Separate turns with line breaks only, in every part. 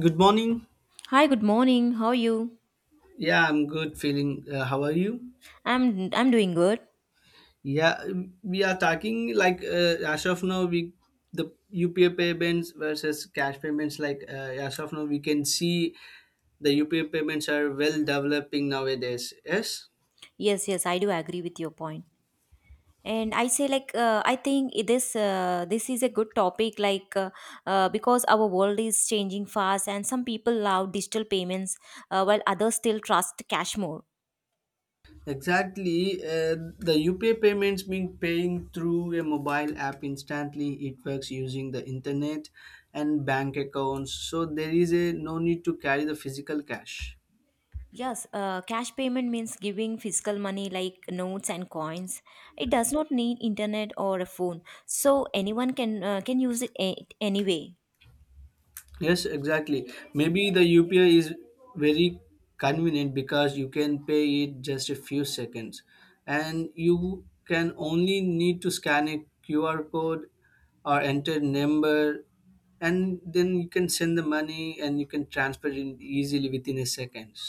Good morning.
Hi, good morning. How are you?
Yeah, I'm good. Feeling. How are you?
I'm I'm doing good.
Yeah, we are talking like as of now, we the UPI payments versus cash payments. Like as of now, we can see the UPI payments are well developing nowadays. Yes,
Yes, yes, I do agree with your point. And I say I think this is a good topic because our world is changing fast and some people love digital payments, while others still trust cash more.
exactly. The UPI payments being paying through a mobile app instantly. It works using the internet and bank accounts, so there is a no need to carry the physical cash.
Yes, cash payment means giving physical money like notes and coins. It does not need internet or a phone, so anyone can use anyway.
Yes, exactly. Maybe the UPI is very convenient because you can pay it just a few seconds and you can only need to scan a QR code or enter number and then you can send the money and you can transfer it easily within a seconds.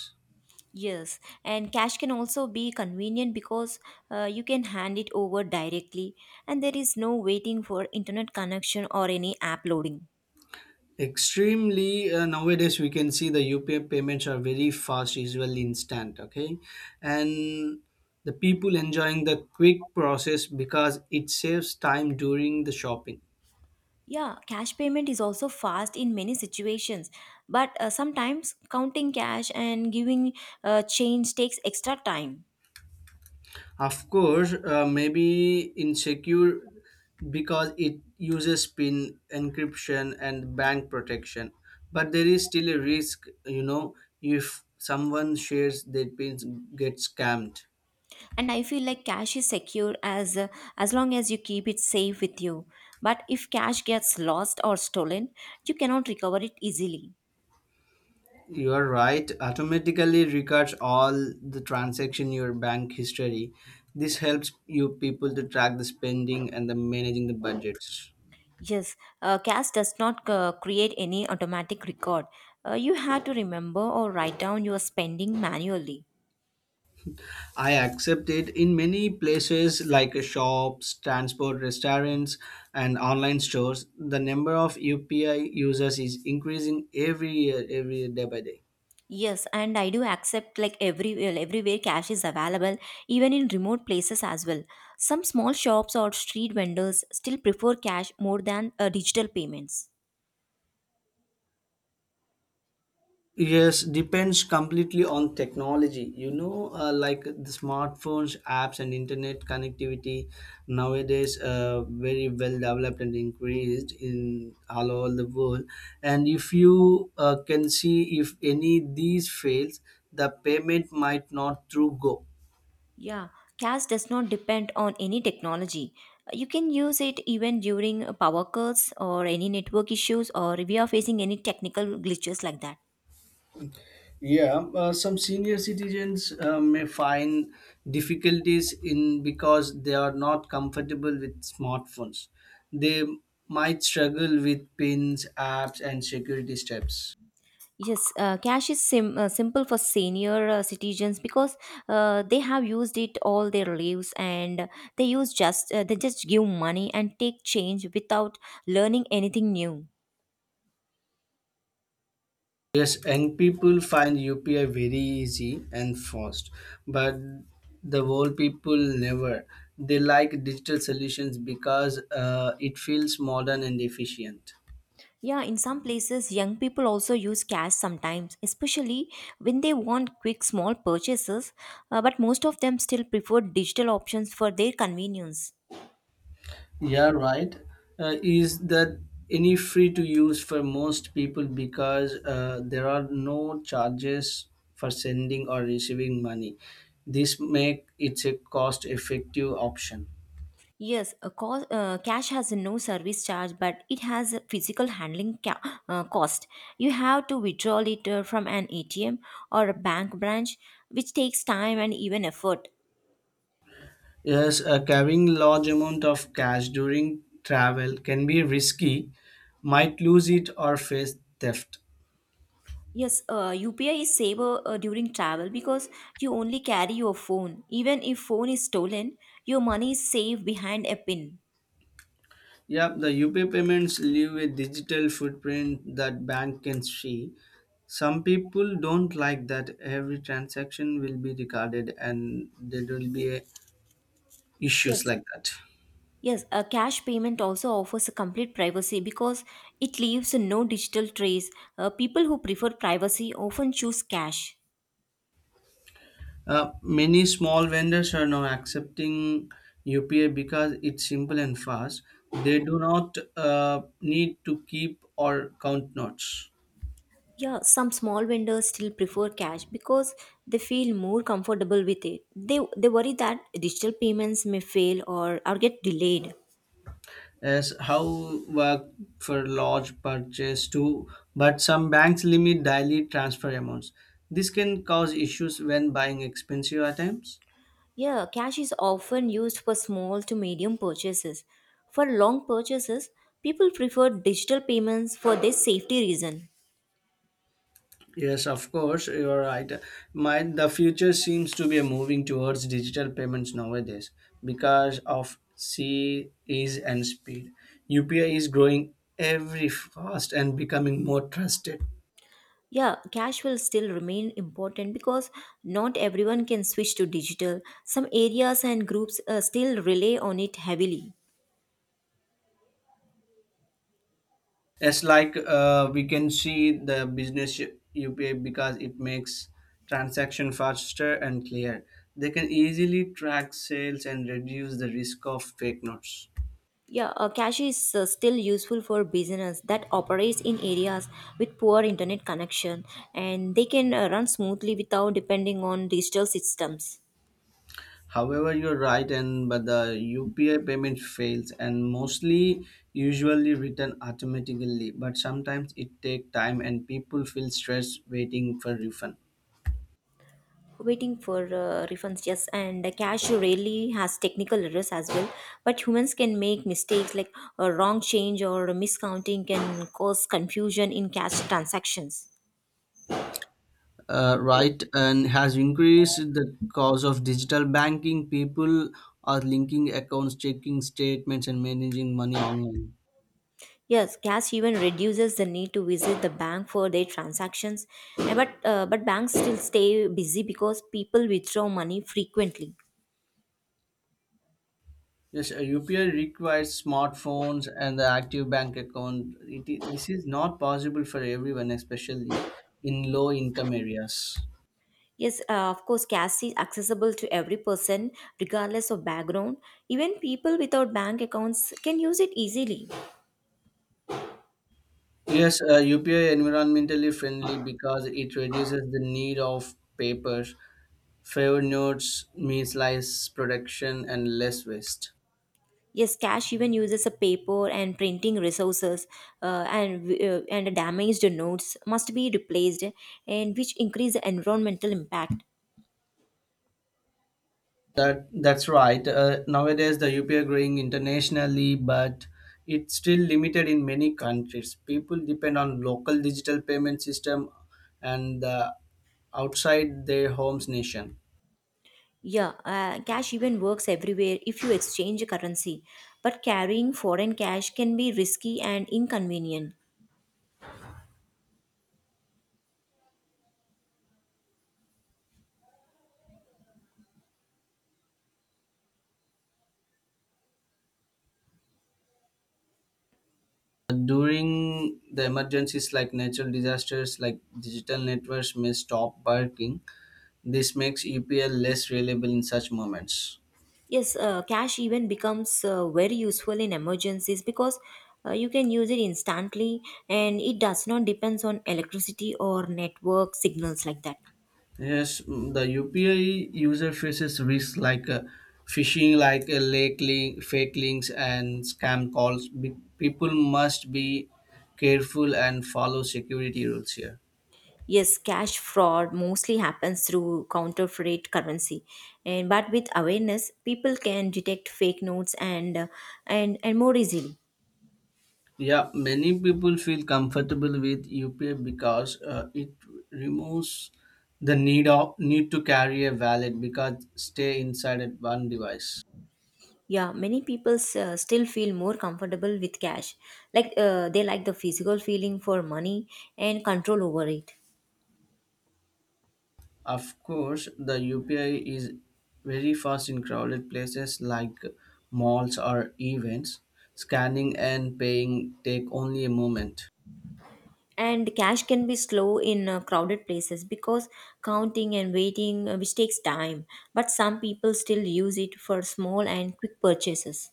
Yes, and cash can also be convenient because you can hand it over directly, and there is no waiting for internet connection or any app loading.
Extremely. Nowadays we can see the UPI payments are very fast, usually instant. Okay. And the people enjoying the quick process because it saves time during the shopping.
Yeah, cash payment is also fast in many situations, but sometimes counting cash and giving change takes extra time.
Of course, maybe insecure because it uses pin encryption and bank protection, but there is still a risk. If someone shares their pins, get scammed.
And I feel like cash is secure as long as you keep it safe with you. But if cash gets lost or stolen, you cannot recover it easily.
You are right. Automatically records all the transaction, your bank history. This helps you people to track the spending and the managing the budgets.
Yes, CAS does not create any automatic record. You have to remember or write down your spending manually.
I accept it in many places like shops, transport, restaurants, and online stores. The number of UPI users is increasing every year, every day by day.
Yes, and I do accept like every, well, everywhere cash is available, even in remote places as well. Some small shops or street vendors still prefer cash more than digital payments.
Yes, depends completely on technology. You know, like the smartphones, apps, and internet connectivity nowadays very well developed and increased in all over the world. And if you can see if any these fails, the payment might not through go.
Yeah, cash does not depend on any technology. You can use it even during power cuts or any network issues, or if you are facing any technical glitches like that.
Yeah, some senior citizens may find difficulties in because they are not comfortable with smartphones. They might struggle with pins, apps, and security steps.
Yes, cash is simple for senior citizens because they have used it all their lives, and they use just they just give money and take change without learning anything new.
Yes, young people find UPI very easy and fast, but the old people never. They like digital solutions because it feels modern and efficient.
Yeah, in some places, young people also use cash sometimes, especially when they want quick small purchases. But most of them still prefer digital options for their convenience.
Yeah, right. Is that any free to use for most people because there are no charges for sending or receiving money. This make it a cost effective option.
Yes, cash has no service charge, but it has a physical handling cost. You have to withdraw it from an ATM or a bank branch, which takes time and even effort.
Yes, carrying large amount of cash during travel can be risky, might lose it or face theft.
Yes, UPI is safer during travel because you only carry your phone. Even if phone is stolen, your money is safe behind a pin.
Yep, the UP payments leave a digital footprint that bank can see. Some people don't like that every transaction will be recorded and there will be issues
Yes.
like that.
Yes, a cash payment also offers a complete privacy because it leaves no digital trace. People who prefer privacy often choose cash.
Many small vendors are now accepting UPI because it's simple and fast. They do not need to keep or count notes.
Yeah, some small vendors still prefer cash because they feel more comfortable with it. They worry that digital payments may fail or get delayed.
Yes, how work for large purchase too, but some banks limit daily transfer amounts. This can cause issues when buying expensive items.
Yeah, cash is often used for small to medium purchases. For long purchases, people prefer digital payments for their safety reason.
Yes, of course, you're right. My the future seems to be moving towards digital payments nowadays because of C ease and speed. UPI is growing every fast and becoming more trusted.
Yeah, cash will still remain important because not everyone can switch to digital. Some areas and groups still rely on it heavily.
It's like we can see the business UPI because it makes transaction faster and clear. They can easily track sales and reduce the risk of fake notes.
Yeah, cash is still useful for business that operates in areas with poor internet connection, and they can run smoothly without depending on digital systems.
However, you're right, and but the UPI payment fails and mostly usually written automatically. But sometimes it take time and people feel stressed waiting for refund.
Waiting for refunds, yes, and cash rarely has technical errors as well, but humans can make mistakes, like a wrong change or miscounting can cause confusion in cash transactions.
Right and has increased the cost of digital banking. People are linking accounts, checking statements, and managing money online.
Yes, cash even reduces the need to visit the bank for their transactions. But but banks still stay busy because people withdraw money frequently.
Yes, a UPI requires smartphones and the active bank account. This is not possible for everyone, especially in low income areas.
Yes, of course, cash is accessible to every person regardless of background. Even people without bank accounts can use it easily.
Yes, UPI environmentally friendly because it reduces the need of paper. Fewer notes means less production and less waste.
Yes, cash even uses a paper and printing resources, and damaged notes must be replaced, and which increase the environmental impact.
That's right. Nowadays, the UPI growing internationally, but it's still limited in many countries. People depend on local digital payment system and outside their homes nation.
Yeah, cash even works everywhere if you exchange a currency. But carrying foreign cash can be risky and inconvenient.
During the emergencies like natural disasters, like digital networks may stop working. This makes UPI less reliable in such moments.
Yes, cash even becomes very useful in emergencies because you can use it instantly, and it does not depends on electricity or network signals like that.
Yes, the UPI user faces risks like phishing, like fake links, and scam calls. People must be careful and follow security rules here.
Yes, cash fraud mostly happens through counterfeit currency. And but with awareness, people can detect fake notes and more easily.
Yeah, many people feel comfortable with UPI because it removes the need to carry a wallet because stay inside at one device.
Yeah, many people still feel more comfortable with cash. They like the physical feeling for money and control over it.
Of course, the UPI is very fast in crowded places like malls or events. Scanning and paying take only a moment.
And cash can be slow in crowded places because counting and waiting, which takes time. But some people still use it for small and quick purchases.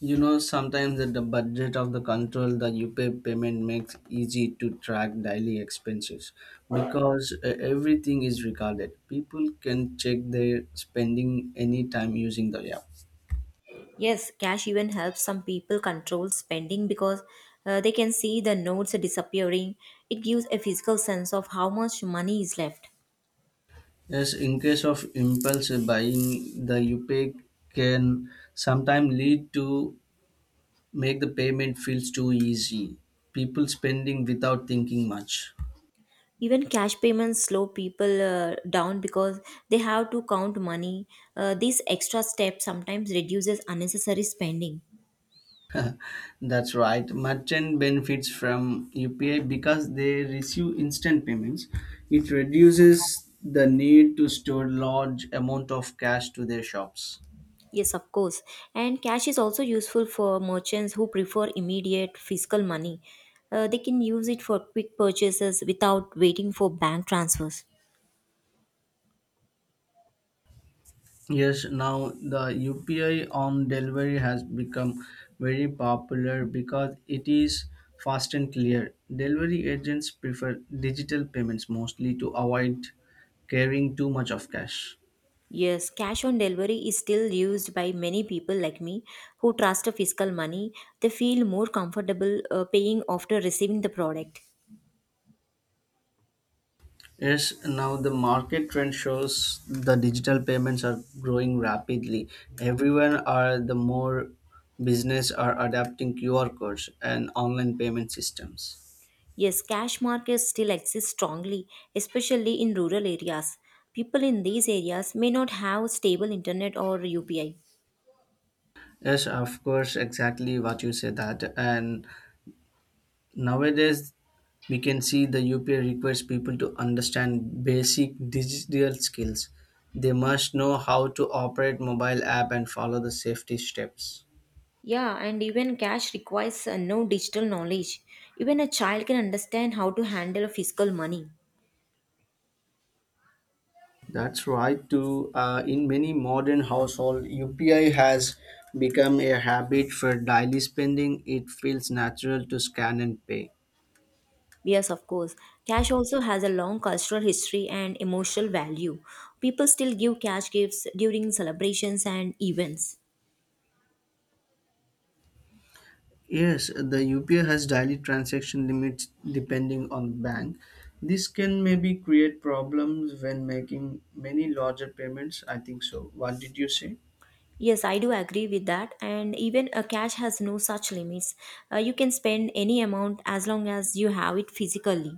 You know, sometimes at the budget of the control, the UPI payment makes easy to track daily expenses because everything is recorded. People can check their spending anytime using the app.
Yes, cash even helps some people control spending because they can see the notes disappearing. It gives a physical sense of how much money is left.
Yes, in case of impulse buying, the UPI can sometimes lead to make the payment feels too easy. People spending without thinking much.
Even cash payments slow people down because they have to count money. This extra step sometimes reduces unnecessary spending.
That's right. Merchant benefits from UPI because they receive instant payments. It reduces the need to store large amount of cash to their shops.
Yes, of course, and cash is also useful for merchants who prefer immediate fiscal money. They can use it for quick purchases without waiting for bank transfers.
Yes, now the UPI on delivery has become very popular because it is fast and clear. Delivery agents prefer digital payments mostly to avoid carrying too much of cash.
Yes, cash on delivery is still used by many people like me who trust a fiscal money. They feel more comfortable paying after receiving the product.
Yes, now the market trend shows the digital payments are growing rapidly. Everyone are the more business are adapting QR codes and online payment systems.
Yes, cash markets still exist strongly, especially in rural areas. People in these areas may not have stable internet or UPI.
Yes, of course, exactly what you said that. And nowadays, we can see the UPI requires people to understand basic digital skills. They must know how to operate mobile app and follow the safety steps.
Yeah, and even cash requires no digital knowledge. Even a child can understand how to handle physical money.
That's right, too. In many modern households, UPI has become a habit for daily spending. It feels natural to scan and pay.
Yes, of course. Cash also has a long cultural history and emotional value. People still give cash gifts during celebrations and events.
Yes, the UPI has daily transaction limits depending on the bank. This can maybe create problems when making many larger payments. I think so. What did you say?
Yes, I do agree with that. And even a cash has no such limits. You can spend any amount as long as you have it physically.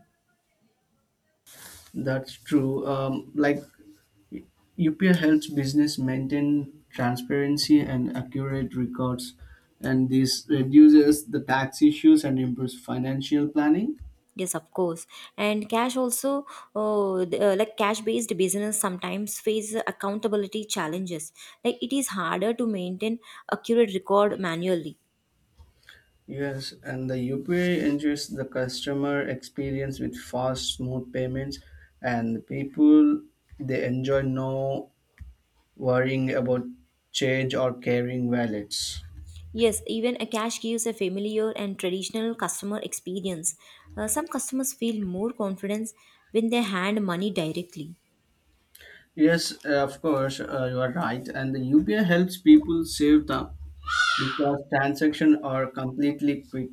That's true. Like UPI helps business maintain transparency and accurate records, and this reduces the tax issues and improves financial planning.
Yes, of course. And cash also, oh, the, like cash based business sometimes face accountability challenges. Like it is harder to maintain accurate record manually.
Yes, and the UPI ensures the customer experience with fast, smooth payments, and the people they enjoy no worrying about change or carrying wallets.
Yes, even a cash gives a familiar and traditional customer experience. Some customers feel more confidence when they hand money directly.
Yes, of course, you are right. And the UPI helps people save time because transactions are completely quick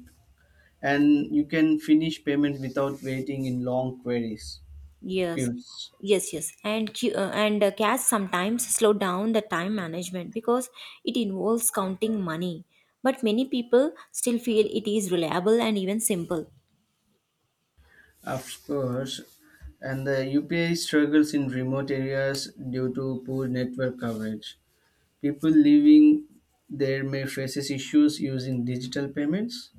and you can finish payment without waiting in long queries
Yes,
queues.
yes, yes, and cash sometimes slow down the time management because it involves counting money. But many people still feel it is reliable and even simple.
Of course, and the UPI struggles in remote areas due to poor network coverage. People living there may faces issues using digital payments.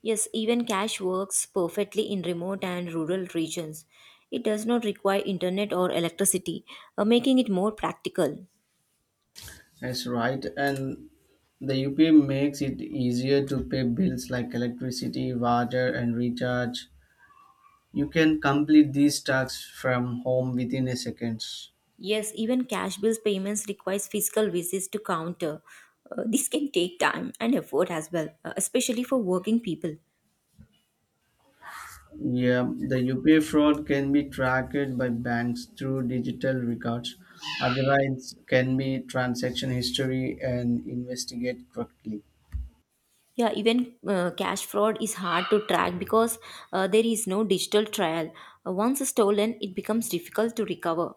Yes, even cash works perfectly in remote and rural regions. It does not require internet or electricity, making it more practical.
That's right, and the UPI makes it easier to pay bills like electricity, water, and recharge. You can complete these tasks from home within a seconds.
Yes, even cash bills payments requires physical visits to counter. This can take time and effort as well, especially for working people.
Yeah, the UPI fraud can be tracked by banks through digital records. Otherwise, can be transaction history and investigate correctly.
Yeah, even cash fraud is hard to track because there is no digital trial. Once stolen, it becomes difficult to recover.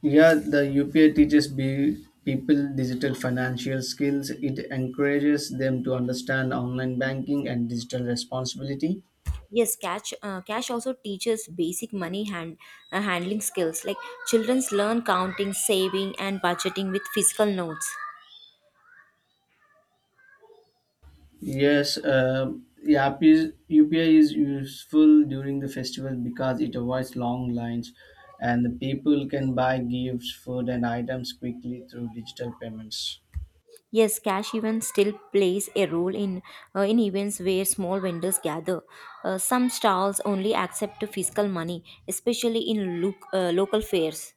Yeah, the UPI teaches be people digital financial skills. It encourages them to understand online banking and digital responsibility.
Yes, cash also teaches basic money handling skills, like children learn counting, saving, and budgeting with physical notes.
Yes, Yap is UPI is useful during the festival because it avoids long lines and the people can buy gifts, food, and items quickly through digital payments.
Yes, cash even still plays a role in events where small vendors gather. Some stalls only accept physical money, especially in local fairs.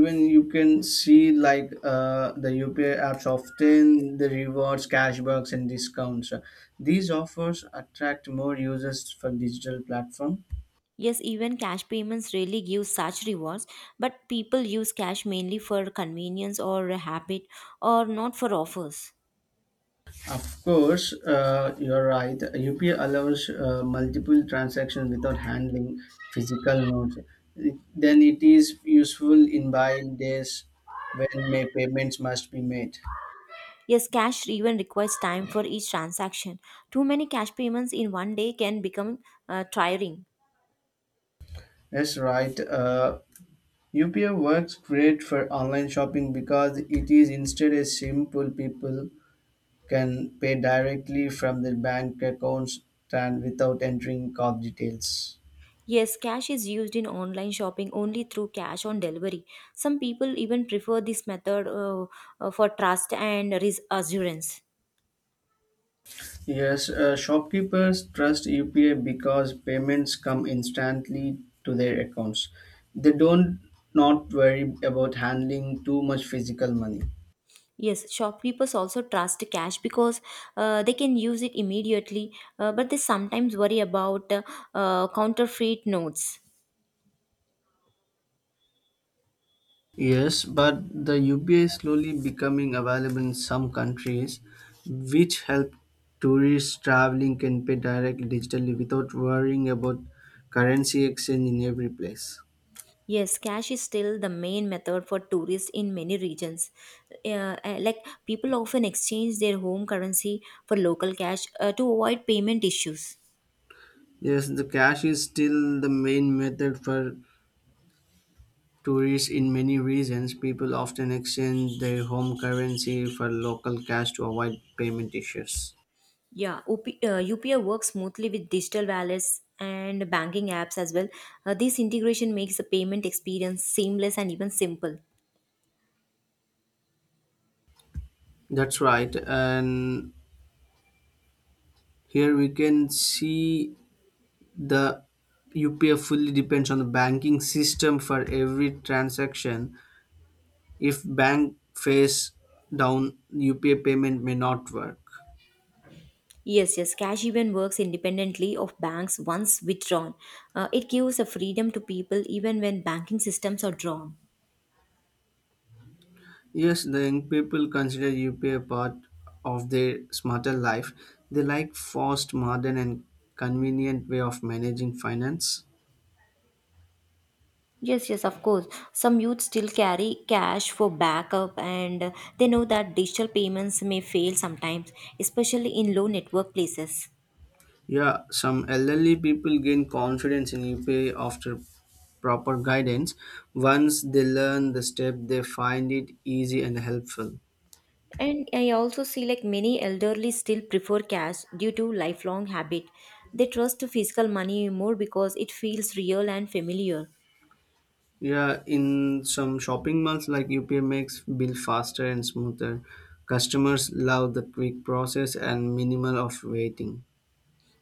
Even you can see like the UPI apps often the rewards, cashbacks, and discounts. These offers attract more users for digital platform.
Yes, even cash payments really give such rewards, but people use cash mainly for convenience or a habit, or not for offers.
Of course, you're right. UPI allows multiple transactions without handling physical notes. Then it is useful in buying days when may payments must be made.
Yes, cash even requires time for each transaction. Too many cash payments in one day can become tiring.
That's right. UPI works great for online shopping because it is instead a simple people can pay directly from their bank accounts and without entering card details.
Yes, cash is used in online shopping only through cash on delivery. Some people even prefer this method for trust and risk assurance.
Yes, shopkeepers trust UPI because payments come instantly to their accounts. They don't not worry about handling too much physical money.
Yes, shopkeepers also trust cash because they can use it immediately, but they sometimes worry about counterfeit notes.
Yes, but the UPI is slowly becoming available in some countries, which help tourists traveling can pay directly digitally without worrying about currency exchange in every place.
Yes, cash is still the main method for tourists in many regions. Uh, uh, like People often exchange their home currency for local cash to avoid payment issues.
Yes, the cash is still the main method for tourists in many regions, people often exchange their home currency for local cash to avoid payment issues.
Yeah, UPI works smoothly with digital wallets and banking apps as well. This integration makes the payment experience seamless and even simple.
That's right. And here we can see the UPF fully depends on the banking system for every transaction. If bank face down, UPI payment may not work.
Yes, yes. Cash even works independently of banks once withdrawn. It gives a freedom to people even when banking systems are drawn.
Yes, the young people consider UPA part of their smarter life. They like fast, modern, and convenient way of managing finance.
Yes, yes, of course. Some youth still carry cash for backup, and they know that digital payments may fail sometimes, especially in low network places.
Yeah, some elderly people gain confidence in UPA after proper guidance. Once they learn the step, they find it easy and helpful.
And I also see like many elderly still prefer cash due to lifelong habit. They trust physical money more because it feels real and familiar.
Yeah, in some shopping malls like UPA makes bill faster and smoother. Customers love the quick process and minimal of waiting.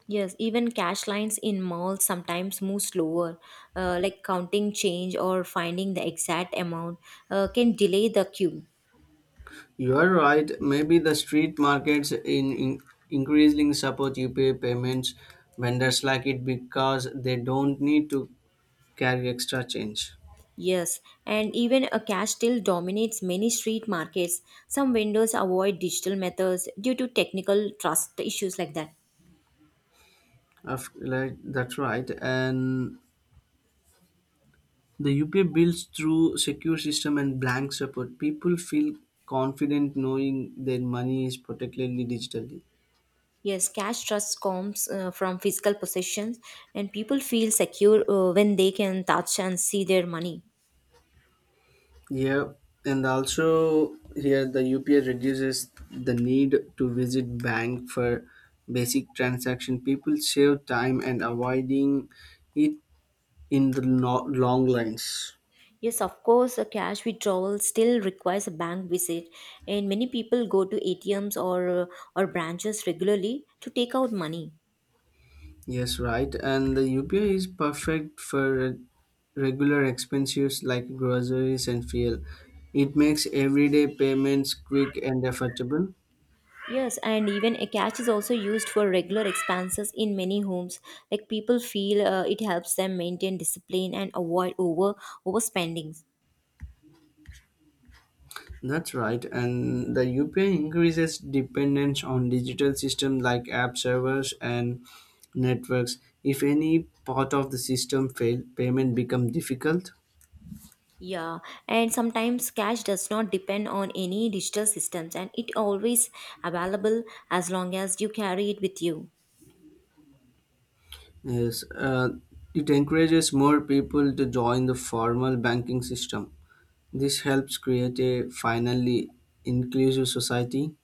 Yes, even cash lines in malls sometimes move slower, like counting change or finding the exact amount can delay the queue.
You are right. Maybe the street markets in increasingly support UPI payments. Vendors like it because they don't need to carry extra change.
Yes, and even a cash still dominates many street markets. Some vendors avoid digital methods due to technical trust issues like that.
Of like that's right. And the UPI builds through secure system and blank support. People feel confident knowing their money is protected digitally.
Yes, cash trust comes from physical possessions, and people feel secure when they can touch and see their money.
Yeah, and also here the UPI reduces the need to visit bank for basic transaction. People save time and avoiding it in the long lines.
Yes, of course, a cash withdrawal still requires a bank visit, and many people go to ATMs or branches regularly to take out money.
Yes, right. And the UPI is perfect for regular expenses like groceries and fuel. It makes everyday payments quick and affordable.
Yes, and even a cash is also used for regular expenses in many homes. Like people feel it helps them maintain discipline and avoid overspending.
That's right, and the UPI increases dependence on digital systems like app servers and networks. If any part of the system fail, payment become difficult.
Yeah, and sometimes cash does not depend on any digital systems, and it always available as long as you carry it with you.
Yes, it encourages more people to join the formal banking system. This helps create a finally inclusive society.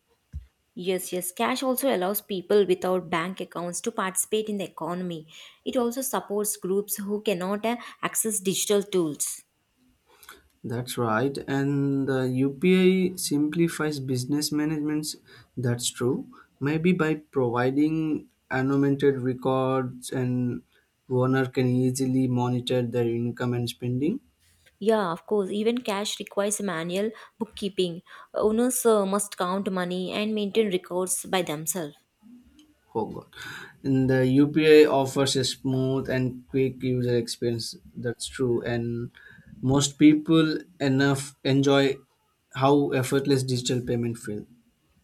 Yes, yes. Cash also allows people without bank accounts to participate in the economy. It also supports groups who cannot access digital tools.
That's right. And the UPI simplifies business management. That's true. Maybe by providing annotated records and owner can easily monitor their income and spending.
Yeah, of course. Even cash requires manual bookkeeping. Owners must count money and maintain records by themselves.
Oh God. And the UPI offers a smooth and quick user experience. That's true. And most people enough enjoy how effortless digital payment feels.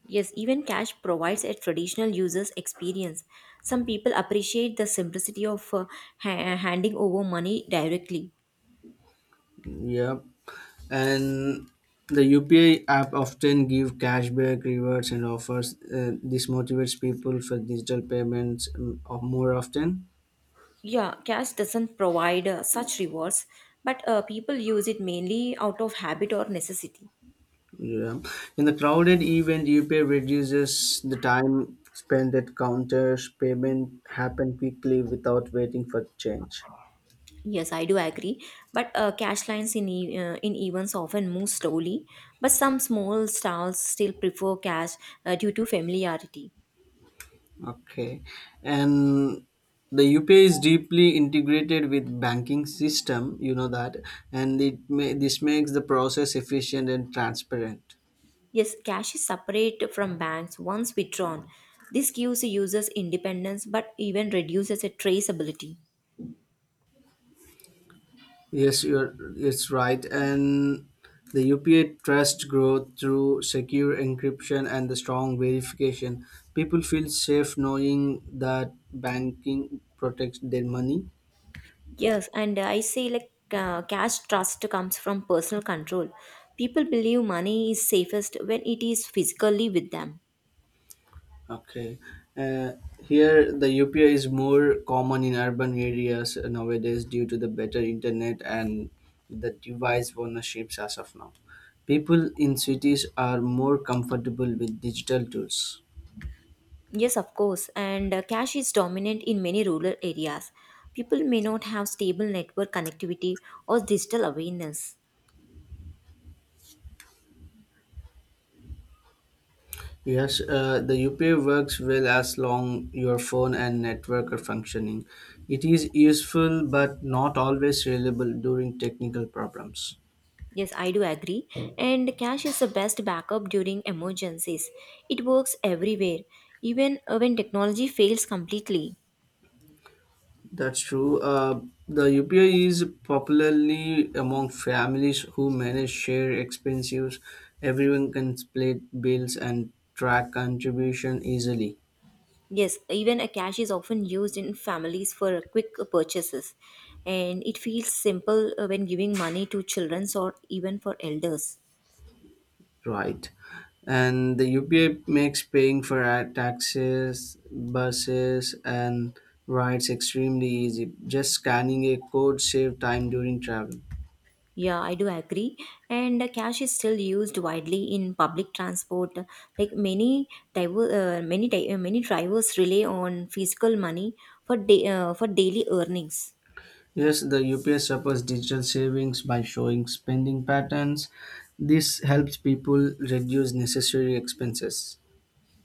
Yes, even cash provides a traditional user's experience. Some people appreciate the simplicity of handing over money directly.
Yeah, and the UPI app often give cashback rewards and offers. This motivates people for digital payments of more often.
Yeah, cash doesn't provide such rewards, but people use it mainly out of habit or necessity.
Yeah, in the crowded event, UPI reduces the time spent at counters. Payment happen quickly without waiting for change.
Yes, I do agree. But cash lines in in events often move slowly, but some small stalls still prefer cash due to familiarity.
Okay. And the UPI is deeply integrated with banking system, you know that, and this makes the process efficient and transparent.
Yes, cash is separate from banks once withdrawn. This gives users independence, but even reduces a traceability.
Yes, you're it's right. And the UPI trust growth through secure encryption and the strong verification. People feel safe knowing that banking protects their money.
Yes, and I say cash trust comes from personal control. People believe money is safest when it is physically with them.
Okay. Uh, Here, the UPI is more common in urban areas nowadays due to the better internet and the device ownerships as of now. People in cities are more comfortable with digital tools.
Yes, of course, and cash is dominant in many rural areas. People may not have stable network connectivity or digital awareness.
Yes, the UPI works well as long your phone and network are functioning. It is useful but not always reliable during technical problems.
Yes, I do agree. And cash is the best backup during emergencies. It works everywhere, even when technology fails completely.
That's true. The UPI is popularly among families who manage shared expenses. Everyone can split bills and track contribution easily,
Yes, even a cash is often used in families for quick purchases, and it feels simple when giving money to children or even for elders.
right? And the UPI makes paying for taxes, buses, and rides extremely easy. Just scanning a code save time during travel.
Yeah, I do agree. And cash is still used widely in public transport. Like many diver, many di- many drivers rely on physical money for daily earnings.
Yes, the UPS supports digital savings by showing spending patterns. This helps people reduce necessary expenses,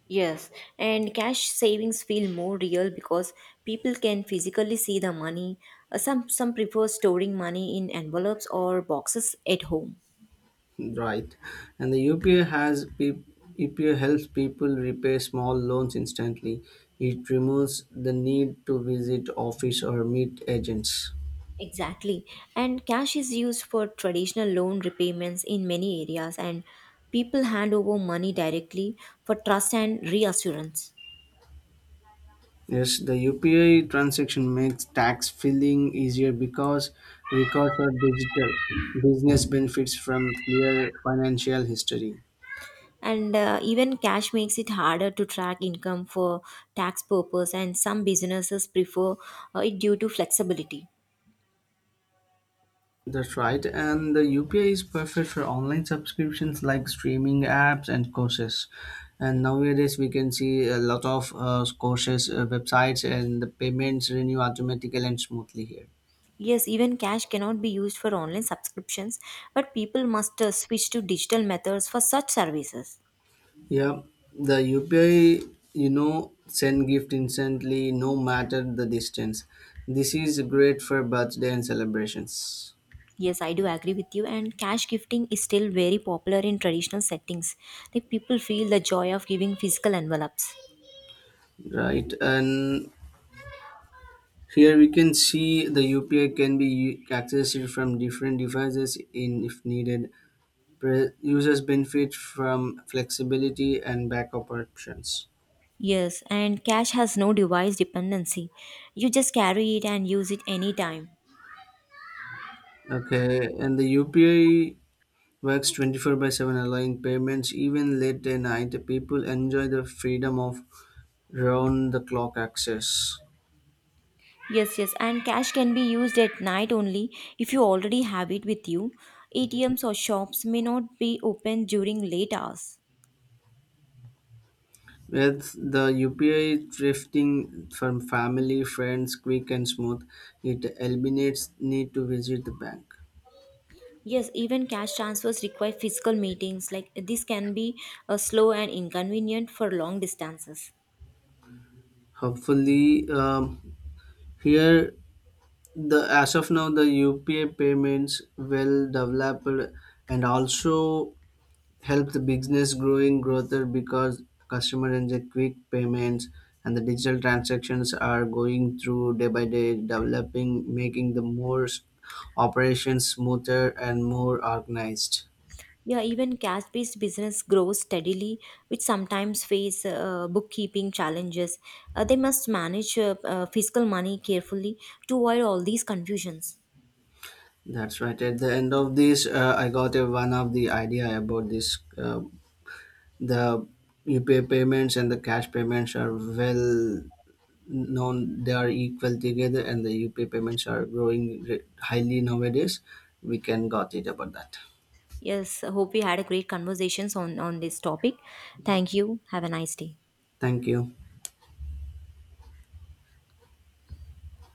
Yes, and cash savings feel more real because people can physically see the money. Some prefer storing money in envelopes or boxes at home.
right? And the UPA has pe- UPA helps people repay small loans instantly. It removes the need to visit office or meet agents.
Exactly. And cash is used for traditional loan repayments in many areas, and people hand over money directly for trust and reassurance.
Yes, the UPI transaction makes tax filing easier because records are digital. Business benefits from clear financial history.
And even cash makes it harder to track income for tax purpose, and some businesses prefer it due to flexibility.
That's right, and the UPI is perfect for online subscriptions like streaming apps and courses. And nowadays, we can see a lot of courses websites, and the payments renew automatically and smoothly here.
Yes, even cash cannot be used for online subscriptions, but people must switch to digital methods for such services.
Yeah, the UPI, you know, send gift instantly, no matter the distance. This is great for birthday and celebrations,
Yes, I do agree with you. And cash gifting is still very popular in traditional settings. Like people feel the joy of giving physical envelopes.
right? And here we can see the UPI can be accessed from different devices in if needed. Users benefit from flexibility and backup options.
Yes, and cash has no device dependency. You just carry it and use it anytime.
Okay, and the UPI works 24 by 7, allowing payments even late at night. People enjoy the freedom of round the clock access.
Yes, yes, and cash can be used at night only if you already have it with you. ATMs or shops may not be open during late hours.
With the UPI thrifting from family, friends, quick and smooth, it eliminates need to visit the bank.
Yes, even cash transfers require physical meetings. Like this can be slow and inconvenient for long distances.
Hopefully, here the as of now the upa payments well developed and also help the business growing growth because customer and the quick payments and the digital transactions are going through day by day developing making the operations smoother and more organized.
Yeah, even cash-based business grows steadily, which sometimes face bookkeeping challenges. They must manage fiscal money carefully to avoid all these confusions.
That's right. At the end of this I got a, one of the idea about this the upa payments and the cash payments are well now they are equal together and the UPI payments are growing highly nowadays. We can got it about that.
Yes, I hope we had a great conversations on this topic. Thank you. Have a nice day.
Thank you.